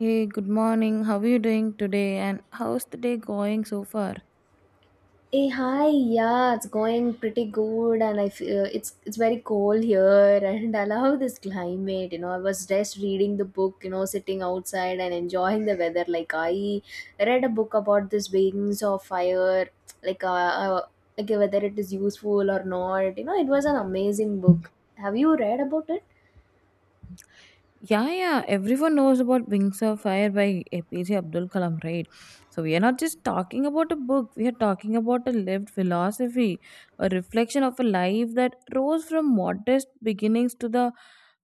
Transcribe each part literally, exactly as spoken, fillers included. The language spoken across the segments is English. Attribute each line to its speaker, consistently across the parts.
Speaker 1: Hey, good morning. How are you doing today? And how's the day going so far?
Speaker 2: Hey, hi, yeah, it's going pretty good, and I feel it's it's very cold here, and I love this climate. You know, I was just reading the book, you know, sitting outside and enjoying the weather. Like I read a book about this Wings of Fire, like uh, uh like whether it is useful or not. You know, it was an amazing book. Have you read about it?
Speaker 1: Yeah, yeah. Everyone knows about Wings of Fire by A P J Abdul Kalam, right? So we are not just talking about a book. We are talking about a lived philosophy, a reflection of a life that rose from modest beginnings to the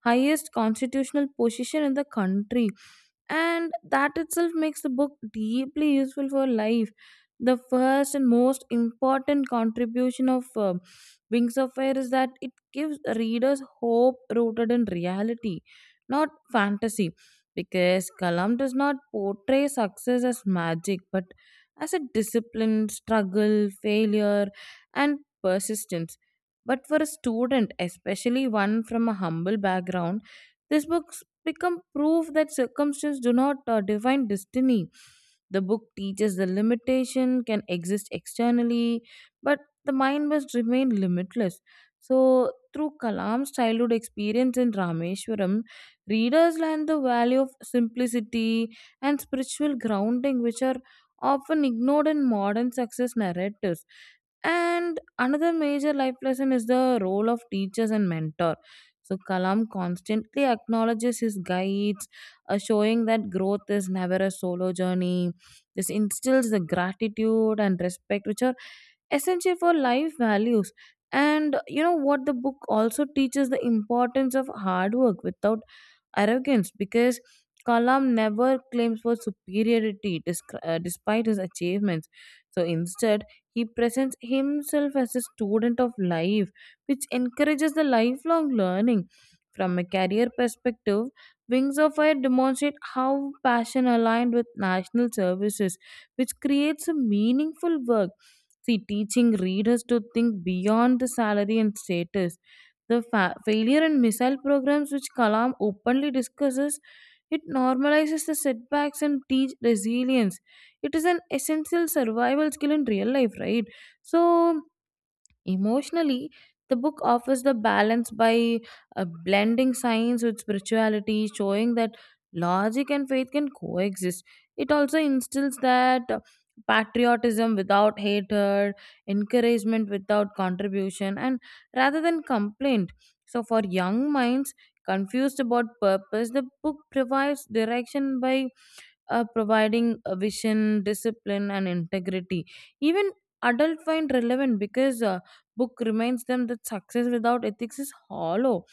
Speaker 1: highest constitutional position in the country. And that itself makes the book deeply useful for life. The first and most important contribution of uh, Wings of Fire is that it gives readers hope rooted in reality, not fantasy, because Kalam does not portray success as magic but as a discipline, struggle, failure, and persistence. But for a student, especially one from a humble background, this books become proof that circumstances do not uh, define destiny. The book teaches the limitation can exist externally, but the mind must remain limitless. So, through Kalam's childhood experience in Rameshwaram, readers learn the value of simplicity and spiritual grounding, which are often ignored in modern success narratives. And another major life lesson is the role of teachers and mentor. So Kalam constantly acknowledges his guides, uh, showing that growth is never a solo journey. This instills the gratitude and respect, which are essential for life values. And you know what? The book also teaches the importance of hard work without arrogance because Kalam never claims for superiority disc- uh, despite his achievements. So instead, he presents himself as a student of life, which encourages the lifelong learning. From a career perspective, Wings of Fire demonstrate how passion aligned with national services, which creates a meaningful work. See, teaching readers to think beyond the salary and status, the fa- failure in missile programs, which Kalam openly discusses, it normalizes the setbacks and teach resilience. It is an essential survival skill in real life, right? So emotionally, the book offers the balance by uh, blending science with spirituality, showing that logic and faith can coexist. It also instills that uh, patriotism without hatred, encouragement without contribution, and rather than complaint. So, for young minds confused about purpose, the book provides direction by uh, providing a vision, discipline, and integrity. Even adults find relevant because uh, book reminds them that success without ethics is hollow.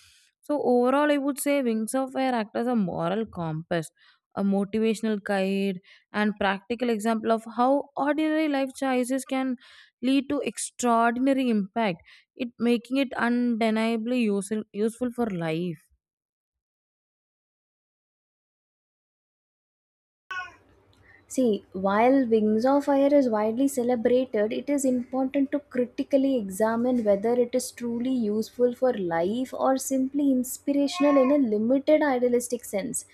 Speaker 1: So overall, I would say Wings of Fire act as a moral compass, a motivational guide, and practical example of how ordinary life choices can lead to extraordinary impact. It making it undeniably useful useful for life.
Speaker 2: See, while Wings of Fire is widely celebrated, it is important to critically examine whether it is truly useful for life or simply inspirational in a limited idealistic sense.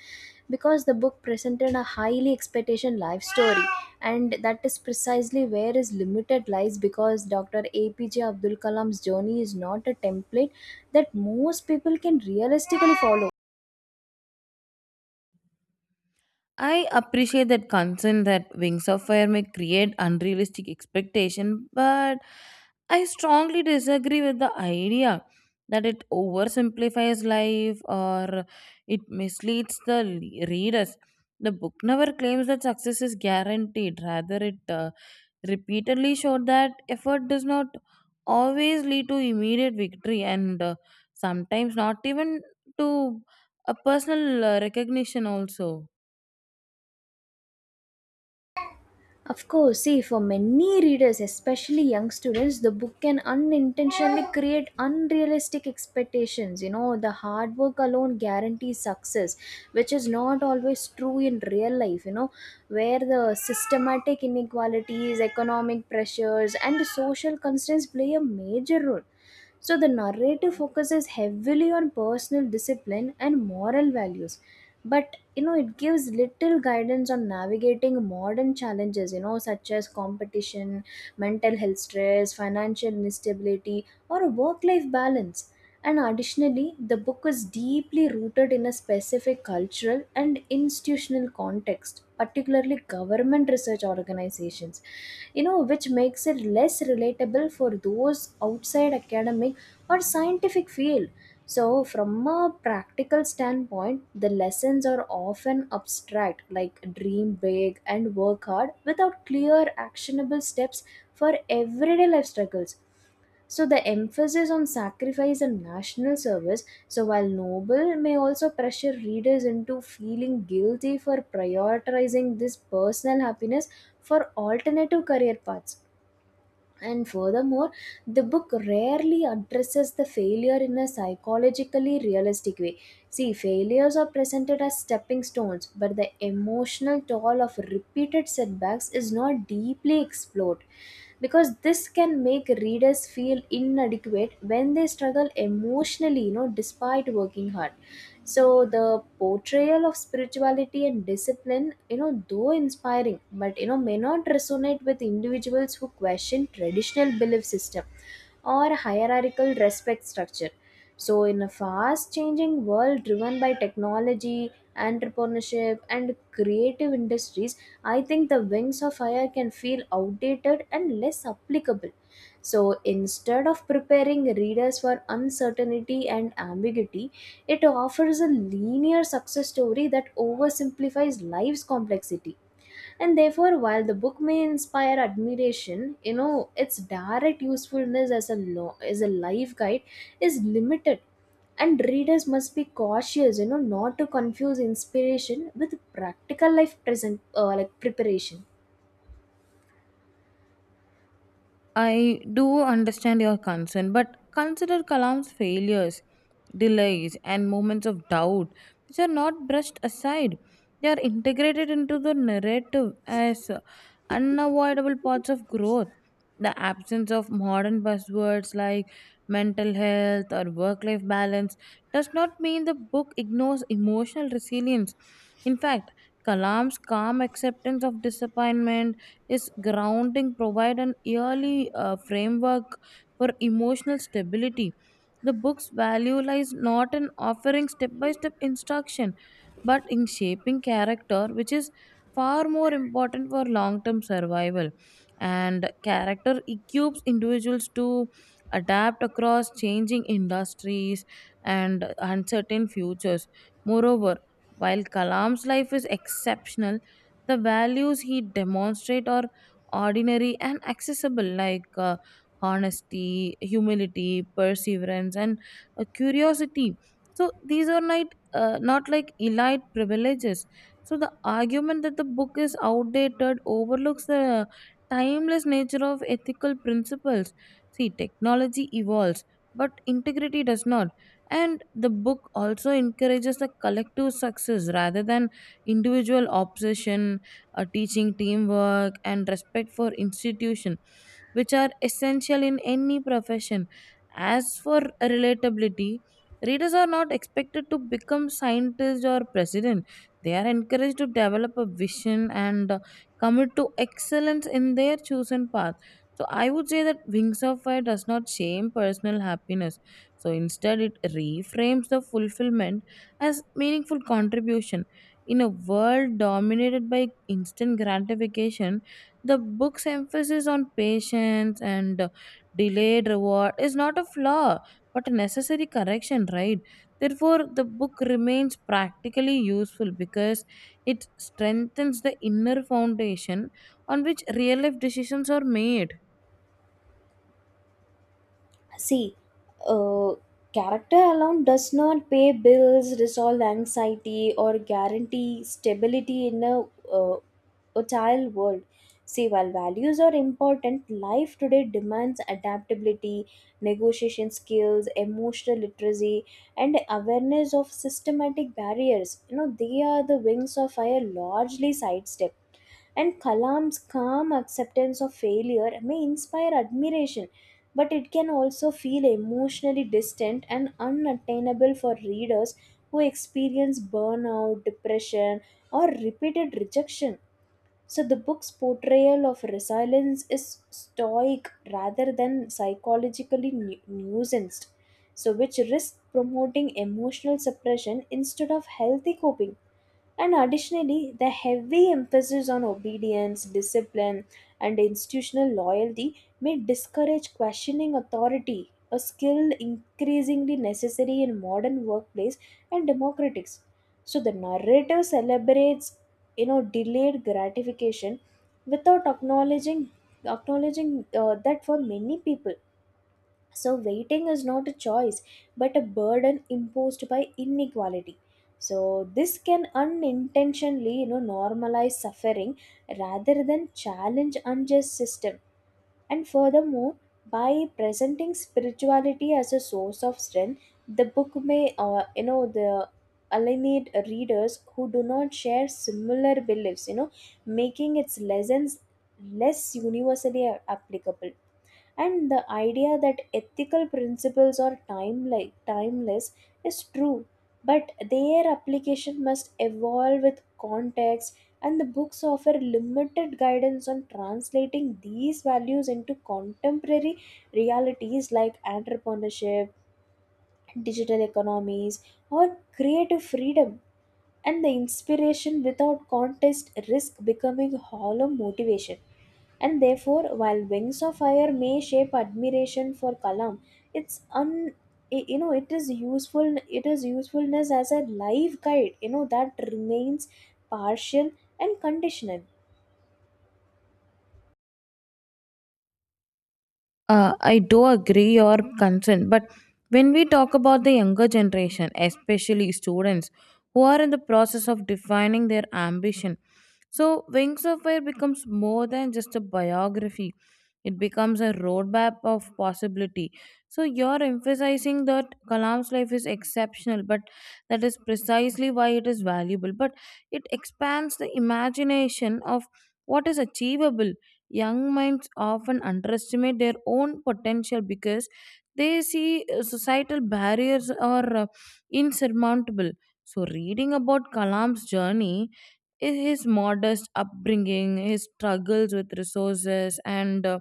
Speaker 2: Because the book presented a highly expectation life story, and that is precisely where his limited lies. Because Doctor A P J Abdul Kalam's journey is not a template that most people can realistically follow.
Speaker 1: I appreciate that concern that Wings of Fire may create unrealistic expectation, but I strongly disagree with the idea that it oversimplifies life or it misleads the le- readers. The book never claims that success is guaranteed. Rather, it uh, repeatedly showed that effort does not always lead to immediate victory and uh, sometimes not even to a personal uh, recognition also.
Speaker 2: Of course, see, for many readers, especially young students, the book can unintentionally create unrealistic expectations. You know, the hard work alone guarantees success, which is not always true in real life, you know, where the systematic inequalities, economic pressures, and social constraints play a major role. So the narrative focuses heavily on personal discipline and moral values, but you know it gives little guidance on navigating modern challenges, you know, such as competition, mental health stress, financial instability, or a work-life balance. And additionally, the book is deeply rooted in a specific cultural and institutional context, particularly government research organizations, you know, which makes it less relatable for those outside academic or scientific field. So, from a practical standpoint, the lessons are often abstract, like dream big and work hard, without clear, actionable steps for everyday life struggles. So the emphasis on sacrifice and national service, so while noble, may also pressure readers into feeling guilty for prioritizing this personal happiness for alternative career paths. And furthermore, the book rarely addresses the failure in a psychologically realistic way. See, failures are presented as stepping stones, but the emotional toll of repeated setbacks is not deeply explored because this can make readers feel inadequate when they struggle emotionally, you know, despite working hard. So the portrayal of spirituality and discipline, you know, though inspiring, but you know may not resonate with individuals who question traditional belief system or hierarchical respect structure. So in a fast changing world driven by technology, entrepreneurship, and creative industries, I think the Wings of Fire can feel outdated and less applicable. So instead of preparing readers for uncertainty and ambiguity, it offers a linear success story that oversimplifies life's complexity. And therefore, while the book may inspire admiration, you know, its direct usefulness as a law, as a life guide is limited, and readers must be cautious, you know, not to confuse inspiration with practical life present uh, like preparation.
Speaker 1: I do understand your concern, but consider Kalam's failures, delays, and moments of doubt, which are not brushed aside. They are integrated into the narrative as unavoidable parts of growth. The absence of modern buzzwords like mental health or work life balance does not mean the book ignores emotional resilience. In fact, Kalam's calm acceptance of disappointment is grounding provide an yearly uh, framework for emotional stability. The book's value lies not in offering step by step instruction, but in shaping character, which is far more important for long term survival, and character equips individuals to adapt across changing industries and uncertain futures. Moreover, while Kalam's life is exceptional, the values he demonstrate are ordinary and accessible, like uh, honesty, humility, perseverance, and uh, curiosity. So these are not uh, not like elite privileges. So the argument that the book is outdated overlooks the timeless nature of ethical principles. See, technology evolves, but integrity does not. And the book also encourages the collective success rather than individual obsession, uh, teaching teamwork and respect for institution, which are essential in any profession. As for relatability, readers are not expected to become scientists or president. They are encouraged to develop a vision and uh, commit to excellence in their chosen path. So I would say that Wings of Fire does not shame personal happiness. So instead, it reframes the fulfillment as meaningful contribution. In a world dominated by instant gratification, the book's emphasis on patience and uh, delayed reward is not a flaw, but a necessary correction, right? Therefore, the book remains practically useful because it strengthens the inner foundation on which real life decisions are made.
Speaker 2: See, uh, character alone does not pay bills, resolve anxiety, or guarantee stability in a uh, fertile world. See, while values are important, life today demands adaptability, negotiation skills, emotional literacy, and awareness of systematic barriers. You know, they are the Wings of Fire largely sidestepped. And Kalam's calm acceptance of failure may inspire admiration, but it can also feel emotionally distant and unattainable for readers who experience burnout, depression, or repeated rejection. So the book's portrayal of resilience is stoic rather than psychologically nu- nuanced, so which risks promoting emotional suppression instead of healthy coping. And additionally, the heavy emphasis on obedience, discipline, and institutional loyalty may discourage questioning authority, a skill increasingly necessary in modern workplace and democratics. So the narrative celebrates, you know, delayed gratification without acknowledging acknowledging uh, that for many people, so, waiting is not a choice but a burden imposed by inequality. So, this can unintentionally, you know, normalize suffering rather than challenge unjust system. And furthermore, by presenting spirituality as a source of strength, the book may, uh, you know, the alienate readers who do not share similar beliefs, you know, making its lessons less universally applicable. And the idea that ethical principles are timeless, timeless is true, but their application must evolve with context, and the books offer limited guidance on translating these values into contemporary realities like entrepreneurship, digital economies, or creative freedom. And the inspiration without contest risk becoming hollow motivation. And therefore, while Wings of Fire may shape admiration for Kalam, it's un i- you know it is useful, it is usefulness as a life guide, you know, that remains partial and conditional.
Speaker 1: Uh, I do agree your concern, but when we talk about the younger generation, especially students who are in the process of defining their ambition, so, Wings of Fire becomes more than just a biography, it becomes a roadmap of possibility. So, you're emphasizing that Kalam's life is exceptional, but that is precisely why it is valuable. But it expands the imagination of what is achievable. Young minds often underestimate their own potential because they see uh, societal barriers are uh, insurmountable. So, reading about Kalam's journey, i- his modest upbringing, his struggles with resources, and uh,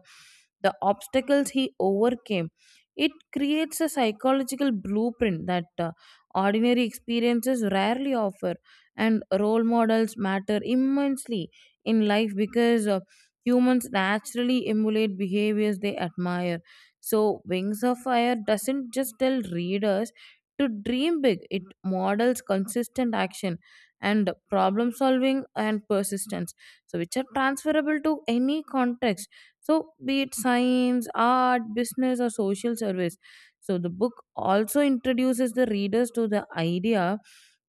Speaker 1: the obstacles he overcame. It creates a psychological blueprint that uh, ordinary experiences rarely offer, and role models matter immensely in life because uh, humans naturally emulate behaviors they admire. So, Wings of Fire doesn't just tell readers to dream big, it models consistent action and problem solving and persistence, so which are transferable to any context, so be it science, art, business, or social service. So the book also introduces the readers to the idea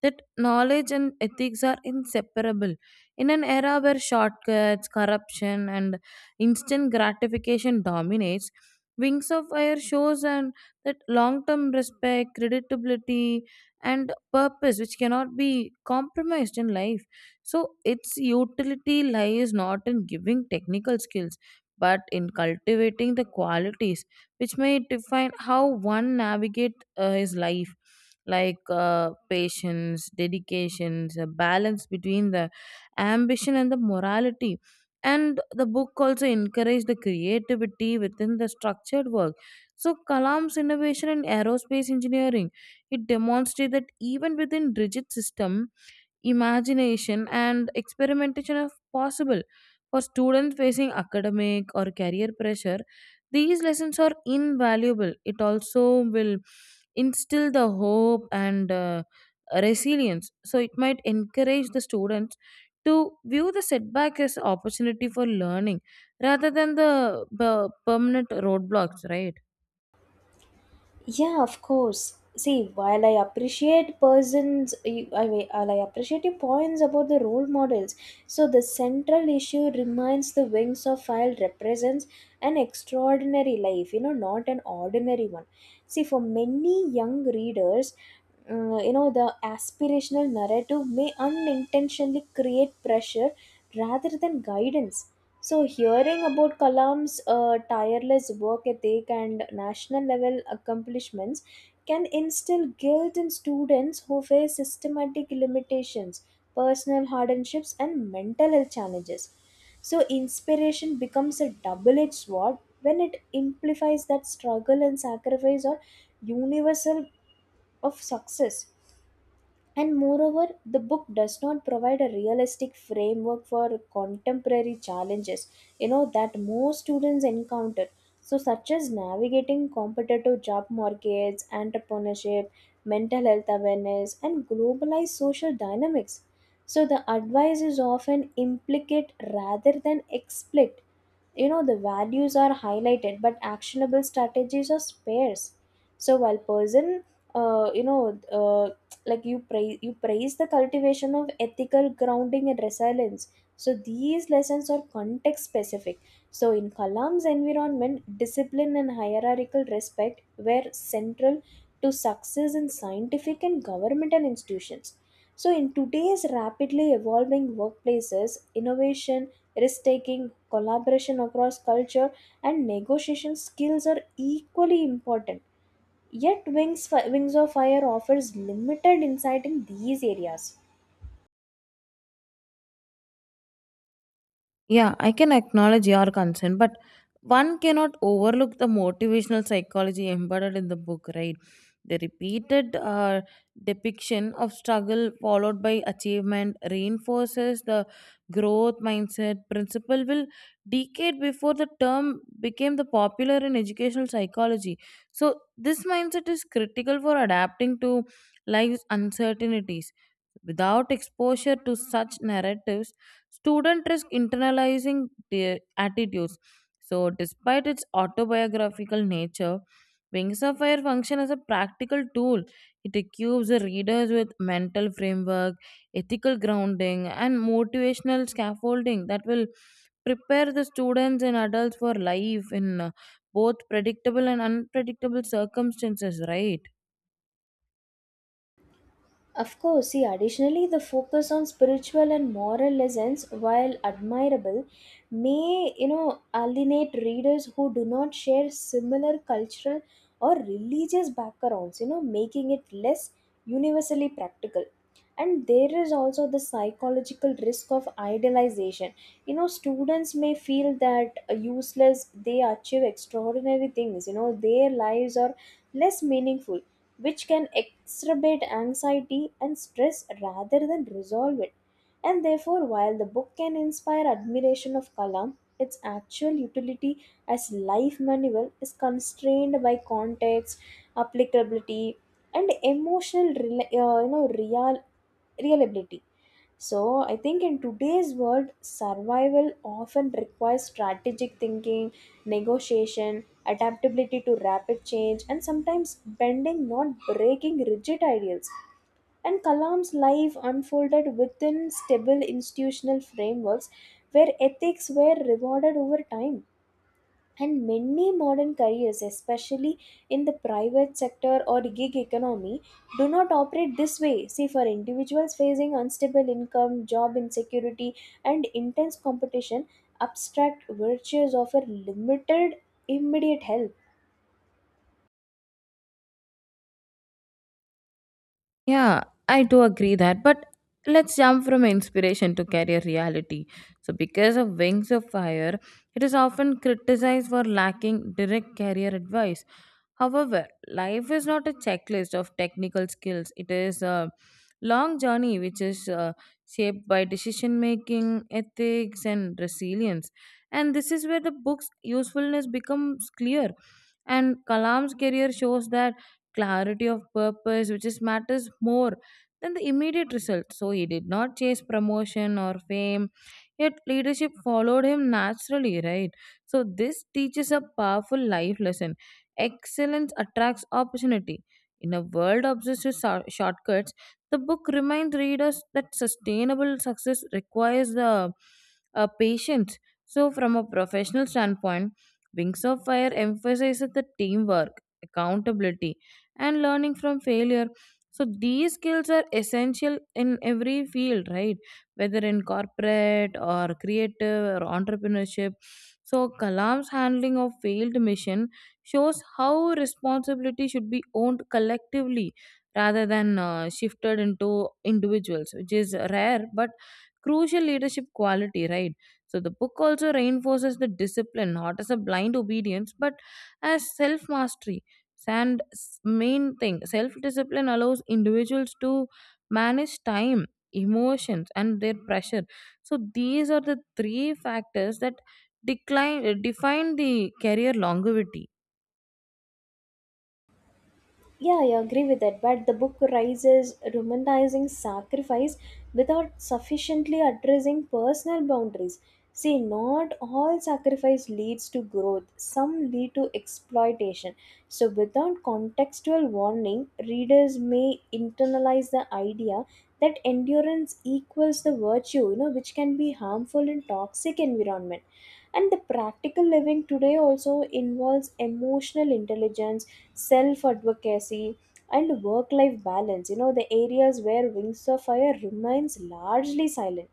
Speaker 1: that knowledge and ethics are inseparable. In an era where shortcuts, corruption, and instant gratification dominates, Wings of Fire shows and that long-term respect, creditability, and purpose, which cannot be compromised in life. So its utility lies not in giving technical skills, but in cultivating the qualities which may define how one navigates uh, his life, like uh, patience, dedications, a balance between the ambition and the morality. And the book also encouraged the creativity within the structured work. So Kalam's innovation in aerospace engineering, it demonstrated that even within rigid system, imagination and experimentation are possible. For students facing academic or career pressure, these lessons are invaluable. It also will instill the hope and uh, resilience. So it might encourage the students to view the setback as opportunity for learning rather than the uh, permanent roadblocks, right?
Speaker 2: Yeah, of course. See, while I appreciate persons, I, I, while I appreciate your points about the role models. So the central issue remains the Wings of Fire represents an extraordinary life, you know, not an ordinary one. See, for many young readers, uh, you know, the aspirational narrative may unintentionally create pressure rather than guidance. So, hearing about Kalam's uh, tireless work ethic and national level accomplishments can instill guilt in students who face systematic limitations, personal hardships, and mental health challenges. So, inspiration becomes a double edged sword when it implies that struggle and sacrifice are universal of success. And moreover, the book does not provide a realistic framework for contemporary challenges, you know, that most students encounter. So, such as navigating competitive job markets, entrepreneurship, mental health awareness, and globalized social dynamics. So, the advice is often implicate rather than explicit. You know, the values are highlighted, but actionable strategies are sparse. So, while person uh, you know, uh, like you praise you praise the cultivation of ethical grounding and resilience. So these lessons are context specific. So in Kalam's environment, discipline and hierarchical respect were central to success in scientific and governmental institutions. So in today's rapidly evolving workplaces, innovation, risk taking, collaboration across culture, and negotiation skills are equally important. Yet, Wings, Fi- Wings of Fire offers limited insight in these areas.
Speaker 1: Yeah, I can acknowledge your concern, but one cannot overlook the motivational psychology embedded in the book, right? The repeated uh, depiction of struggle followed by achievement reinforces the growth mindset principle will decade before the term became the popular in educational psychology. So this mindset is critical for adapting to life's uncertainties. Without exposure to such narratives, student risk internalizing their attitudes. So, despite its autobiographical nature, Wings of Fire function as a practical tool. It equips the readers with mental framework, ethical grounding, and motivational scaffolding that will prepare the students and adults for life in uh, both predictable and unpredictable circumstances, right?
Speaker 2: Of course, see, additionally, the focus on spiritual and moral lessons, while admirable, may, you know, alienate readers who do not share similar cultural or religious backgrounds, you know, making it less universally practical. And there is also the psychological risk of idealization. You know, students may feel that uh, useless, they achieve extraordinary things, you know, their lives are less meaningful, which can exacerbate anxiety and stress rather than resolve it. And therefore, while the book can inspire admiration of Kalam, its actual utility as life manual is constrained by context, applicability, and emotional rela- uh, you know real reliability. So, I think in today's world, survival often requires strategic thinking, negotiation, adaptability to rapid change, and sometimes bending, not breaking rigid ideals. And Kalam's life unfolded within stable institutional frameworks where ethics were rewarded over time. And many modern careers, especially in the private sector or gig economy, do not operate this way. See, for individuals facing unstable income, job insecurity, and intense competition, abstract virtues offer limited immediate help.
Speaker 1: Yeah, I do agree that. But let's jump from inspiration to career reality. So, because of Wings of Fire, it is often criticized for lacking direct career advice. However, life is not a checklist of technical skills, it is a long journey which is uh, shaped by decision making, ethics, and resilience. And this is where the book's usefulness becomes clear. And Kalam's career shows that clarity of purpose, which is matters more than the immediate result. So he did not chase promotion or fame, yet leadership followed him naturally, right? So this teaches a powerful life lesson. Excellence attracts opportunity. In a world obsessed with shor- shortcuts, the book reminds readers that sustainable success requires the uh, patience. So, from a professional standpoint, Wings of Fire emphasizes the teamwork, accountability, and learning from failure. So these skills are essential in every field, right? Whether in corporate or creative or entrepreneurship. So Kalam's handling of failed mission shows how responsibility should be owned collectively rather than uh, shifted into individuals, which is rare but crucial leadership quality, right? So the book also reinforces the discipline, not as a blind obedience, but as self mastery. And s- main thing, self discipline allows individuals to manage time, emotions, and their pressure. So these are the three factors that decline define the career longevity.
Speaker 2: Yeah, I agree with that. But the book raises romanticizing sacrifice without sufficiently addressing personal boundaries. See, not all sacrifice leads to growth, some lead to exploitation. So, without contextual warning, readers may internalize the idea that endurance equals the virtue, you know, which can be harmful in toxic environment. And the practical living today also involves emotional intelligence, self advocacy, and work life balance, you know, the areas where Wings of Fire remains largely silent.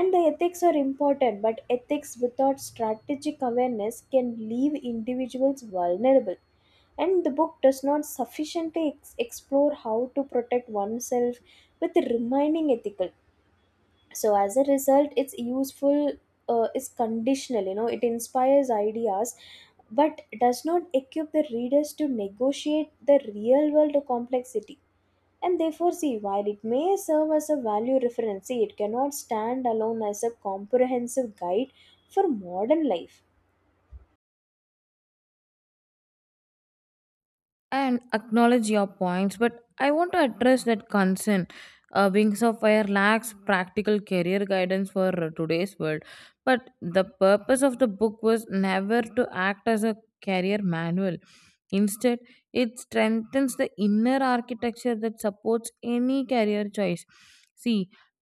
Speaker 2: And the ethics are important, but ethics without strategic awareness can leave individuals vulnerable, and the book does not sufficiently ex- explore how to protect oneself with remaining ethical. So as a result, it's useful, uh, is conditional. You know, it inspires ideas but does not equip the readers to negotiate the real world complexity. And therefore, see, while it may serve as a value reference, see, it cannot stand alone as a comprehensive guide for modern life.
Speaker 1: And acknowledge your points, but I want to address that concern. uh, Wings of Fire lacks practical career guidance for uh, today's world, but the purpose of the book was never to act as a career manual. Instead, it strengthens the inner architecture that supports any career choice. See,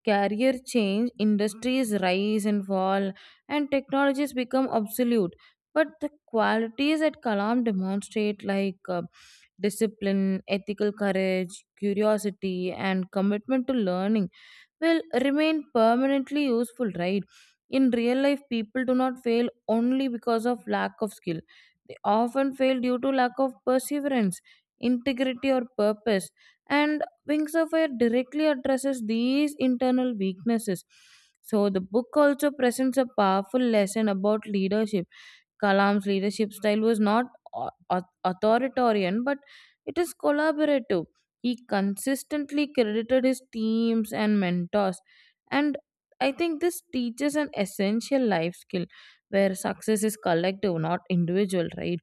Speaker 1: career change, industries rise and fall, and technologies become obsolete, but the qualities that Kalam demonstrate, like uh, discipline, ethical courage, curiosity, and commitment to learning will remain permanently useful, right? In real life, people do not fail only because of lack of skill. They often fail due to lack of perseverance, integrity, or purpose. And Wings of Fire directly addresses these internal weaknesses. So, the book also presents a powerful lesson about leadership. Kalam's leadership style was not au- au- authoritarian, but it is collaborative. He consistently credited his teams and mentors, and I think this teaches an essential life skill where success is collective, not individual, right?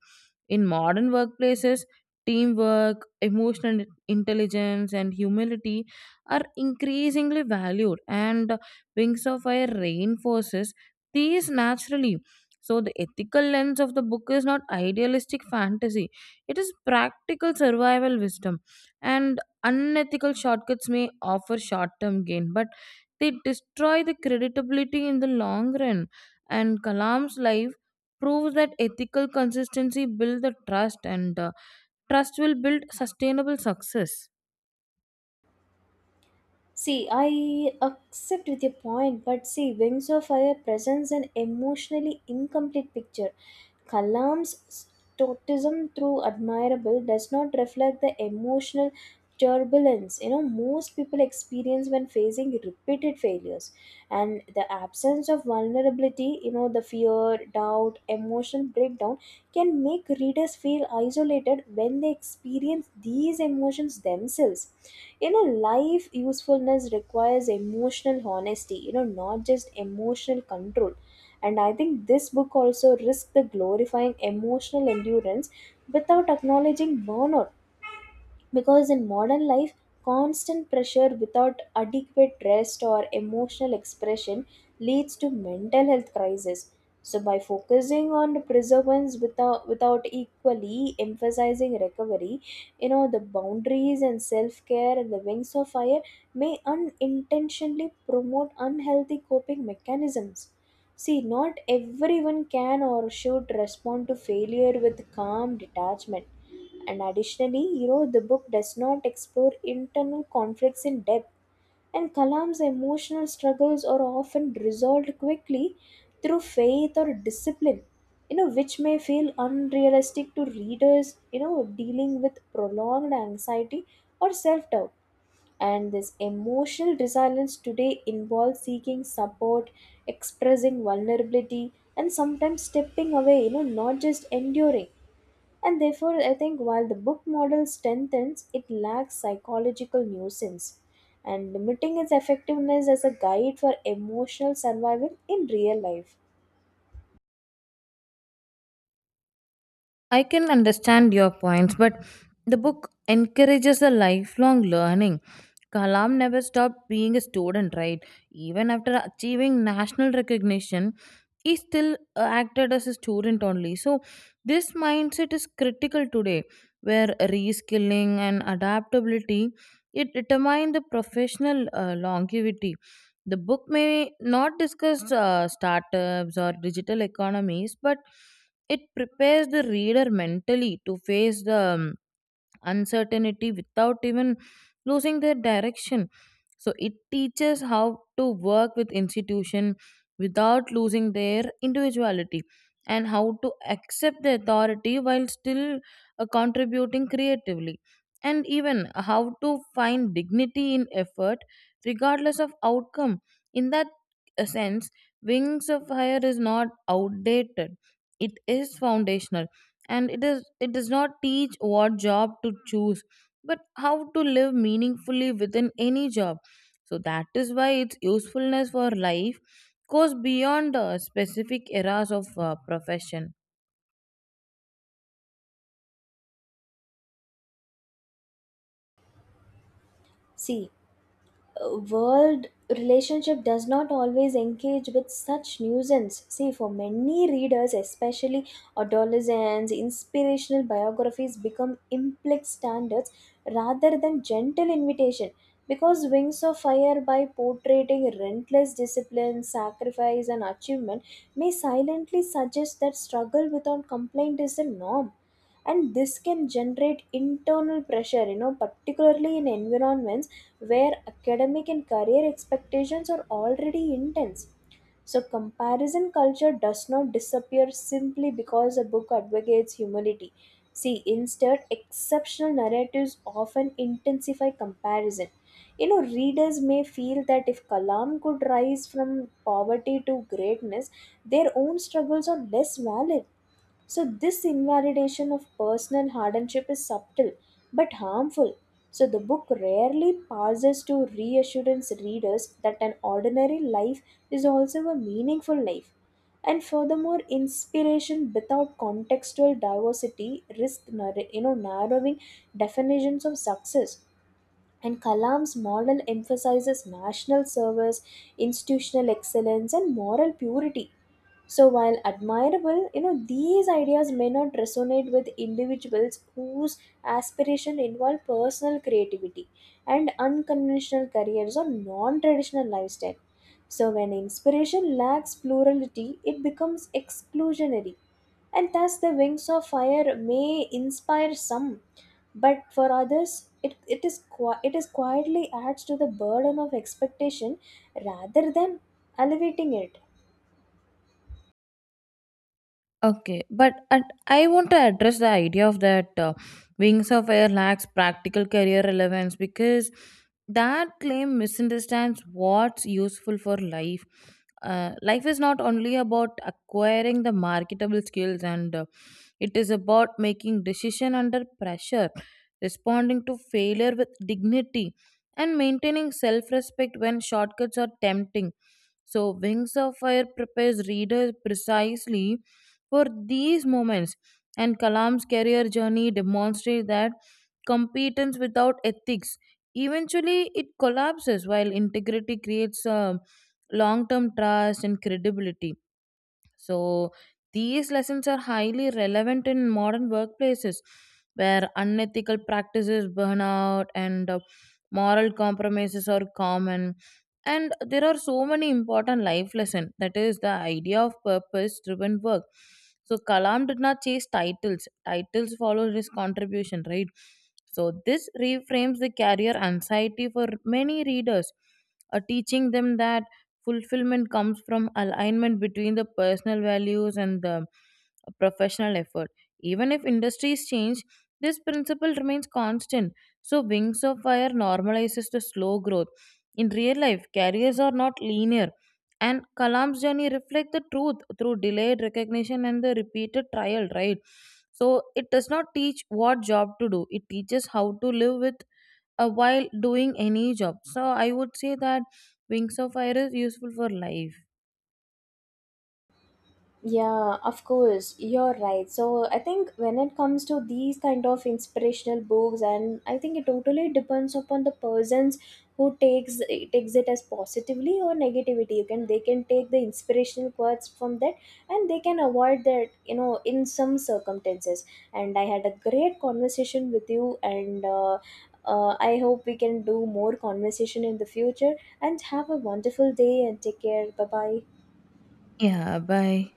Speaker 1: In modern workplaces, teamwork, emotional intelligence, and humility are increasingly valued, and Wings of Fire reinforces these naturally. So, the ethical lens of the book is not idealistic fantasy, it is practical survival wisdom. And unethical shortcuts may offer short term gain, but they destroy the creditability in the long run. And Kalam's life proves that ethical consistency builds the trust, and uh, trust will build sustainable success.
Speaker 2: See, I accept with your point, but see, Wings of Fire presents an emotionally incomplete picture. Kalam's stoicism through admirable does not reflect the emotional turbulence, you know, most people experience when facing repeated failures. And the absence of vulnerability, you know, the fear doubt emotional breakdown can make readers feel isolated when they experience these emotions themselves. You know, life usefulness requires emotional honesty, you know, not just emotional control. And I think this book also risks the glorifying emotional endurance without acknowledging burnout, because in modern life constant pressure without adequate rest or emotional expression leads to mental health crisis. So by focusing on preservance without without equally emphasizing recovery, you know, the boundaries and self care, and the Wings of Fire may unintentionally promote unhealthy coping mechanisms. See, not everyone can or should respond to failure with calm detachment. And additionally, you know, the book does not explore internal conflicts in depth, and Kalam's emotional struggles are often resolved quickly through faith or discipline, you know, which may feel unrealistic to readers, you know, dealing with prolonged anxiety or self doubt. And this emotional resilience today involves seeking support, expressing vulnerability, and sometimes stepping away, you know, not just enduring. And therefore, I think while the book model strengthens, it lacks psychological nuisance, and limiting its effectiveness as a guide for emotional survival in real life.
Speaker 1: I can understand your points, but the book encourages a lifelong learning. Kalam never stopped being a student, right? Even after achieving national recognition, he still uh, acted as a student only. So, this mindset is critical today, where reskilling and adaptability it determine the professional uh, longevity. The book may not discuss uh, startups or digital economies, but it prepares the reader mentally to face the um, uncertainty without even losing their direction. So it teaches how to work with institution without losing their individuality, and how to accept the authority while still uh, contributing creatively, and even how to find dignity in effort regardless of outcome. In that uh, sense, Wings of Fire is not outdated, it is foundational, and it is it does not teach what job to choose, but how to live meaningfully within any job. So that is why its usefulness for life goes beyond uh, specific eras of uh, profession.
Speaker 2: See, uh, world relationship does not always engage with such nuisance. See, for many readers, especially adolescents, inspirational biographies become implicit standards rather than gentle invitation. Because Wings of Fire, by portraying relentless discipline, sacrifice, and achievement, may silently suggest that struggle without complaint is the norm, and this can generate internal pressure, you know, particularly in environments where academic and career expectations are already intense. So, comparison culture does not disappear simply because a book advocates humility. See, instead, exceptional narratives often intensify comparison. You know, readers may feel that if Kalam could rise from poverty to greatness, their own struggles are less valid. So, this invalidation of personal hardship is subtle but harmful. So the book rarely pauses to reassurance readers that an ordinary life is also a meaningful life. And furthermore, inspiration without contextual diversity risks nar- you know, narrowing definitions of success. And Kalam's model emphasizes national service, institutional excellence, and moral purity. So, while admirable, you know, these ideas may not resonate with individuals whose aspiration involve personal creativity and unconventional careers or non traditional lifestyle. So, when inspiration lacks plurality, it becomes exclusionary, and thus the Wings of Fire may inspire some, but for others it, it is qui- it is quietly adds to the burden of expectation rather than alleviating it.
Speaker 1: Okay, but and I want to address the idea of that uh, Wings of Air lacks practical career relevance because that claim misunderstands what's useful for life. Uh, life is not only about acquiring the marketable skills, and uh, it is about making decision under pressure, responding to failure with dignity, and maintaining self-respect when shortcuts are tempting. So, Wings of Fire prepares readers precisely for these moments, and Kalam's career journey demonstrates that competence without ethics eventually it collapses, while integrity creates a long-term trust and credibility. So these lessons are highly relevant in modern workplaces where unethical practices, burnout, and uh, moral compromises are common. And there are so many important life lessons. That is the idea of purpose driven work. So Kalam did not chase titles. Titles followed his contribution, right? So this reframes the career anxiety for many readers, uh, teaching them that fulfillment comes from alignment between the personal values and the professional effort. Even if industries change, this principle remains constant. So, Wings of Fire normalizes the slow growth. In real life, careers are not linear, and Kalam's journey reflects the truth through delayed recognition and the repeated trial, right? So, it does not teach what job to do, it teaches how to live with, uh, while doing any job. So I would say that Wings of Fire is useful for life.
Speaker 2: Yeah, of course, you're right. So I think when it comes to these kind of inspirational books, and I think it totally depends upon the persons who takes takes it as positively or negativity. You can They can take the inspirational quotes from that, and they can avoid that, you know, in some circumstances. And I had a great conversation with you, and uh, uh, I hope we can do more conversation in the future. And have a wonderful day, and take care. Bye bye.
Speaker 1: Yeah, bye.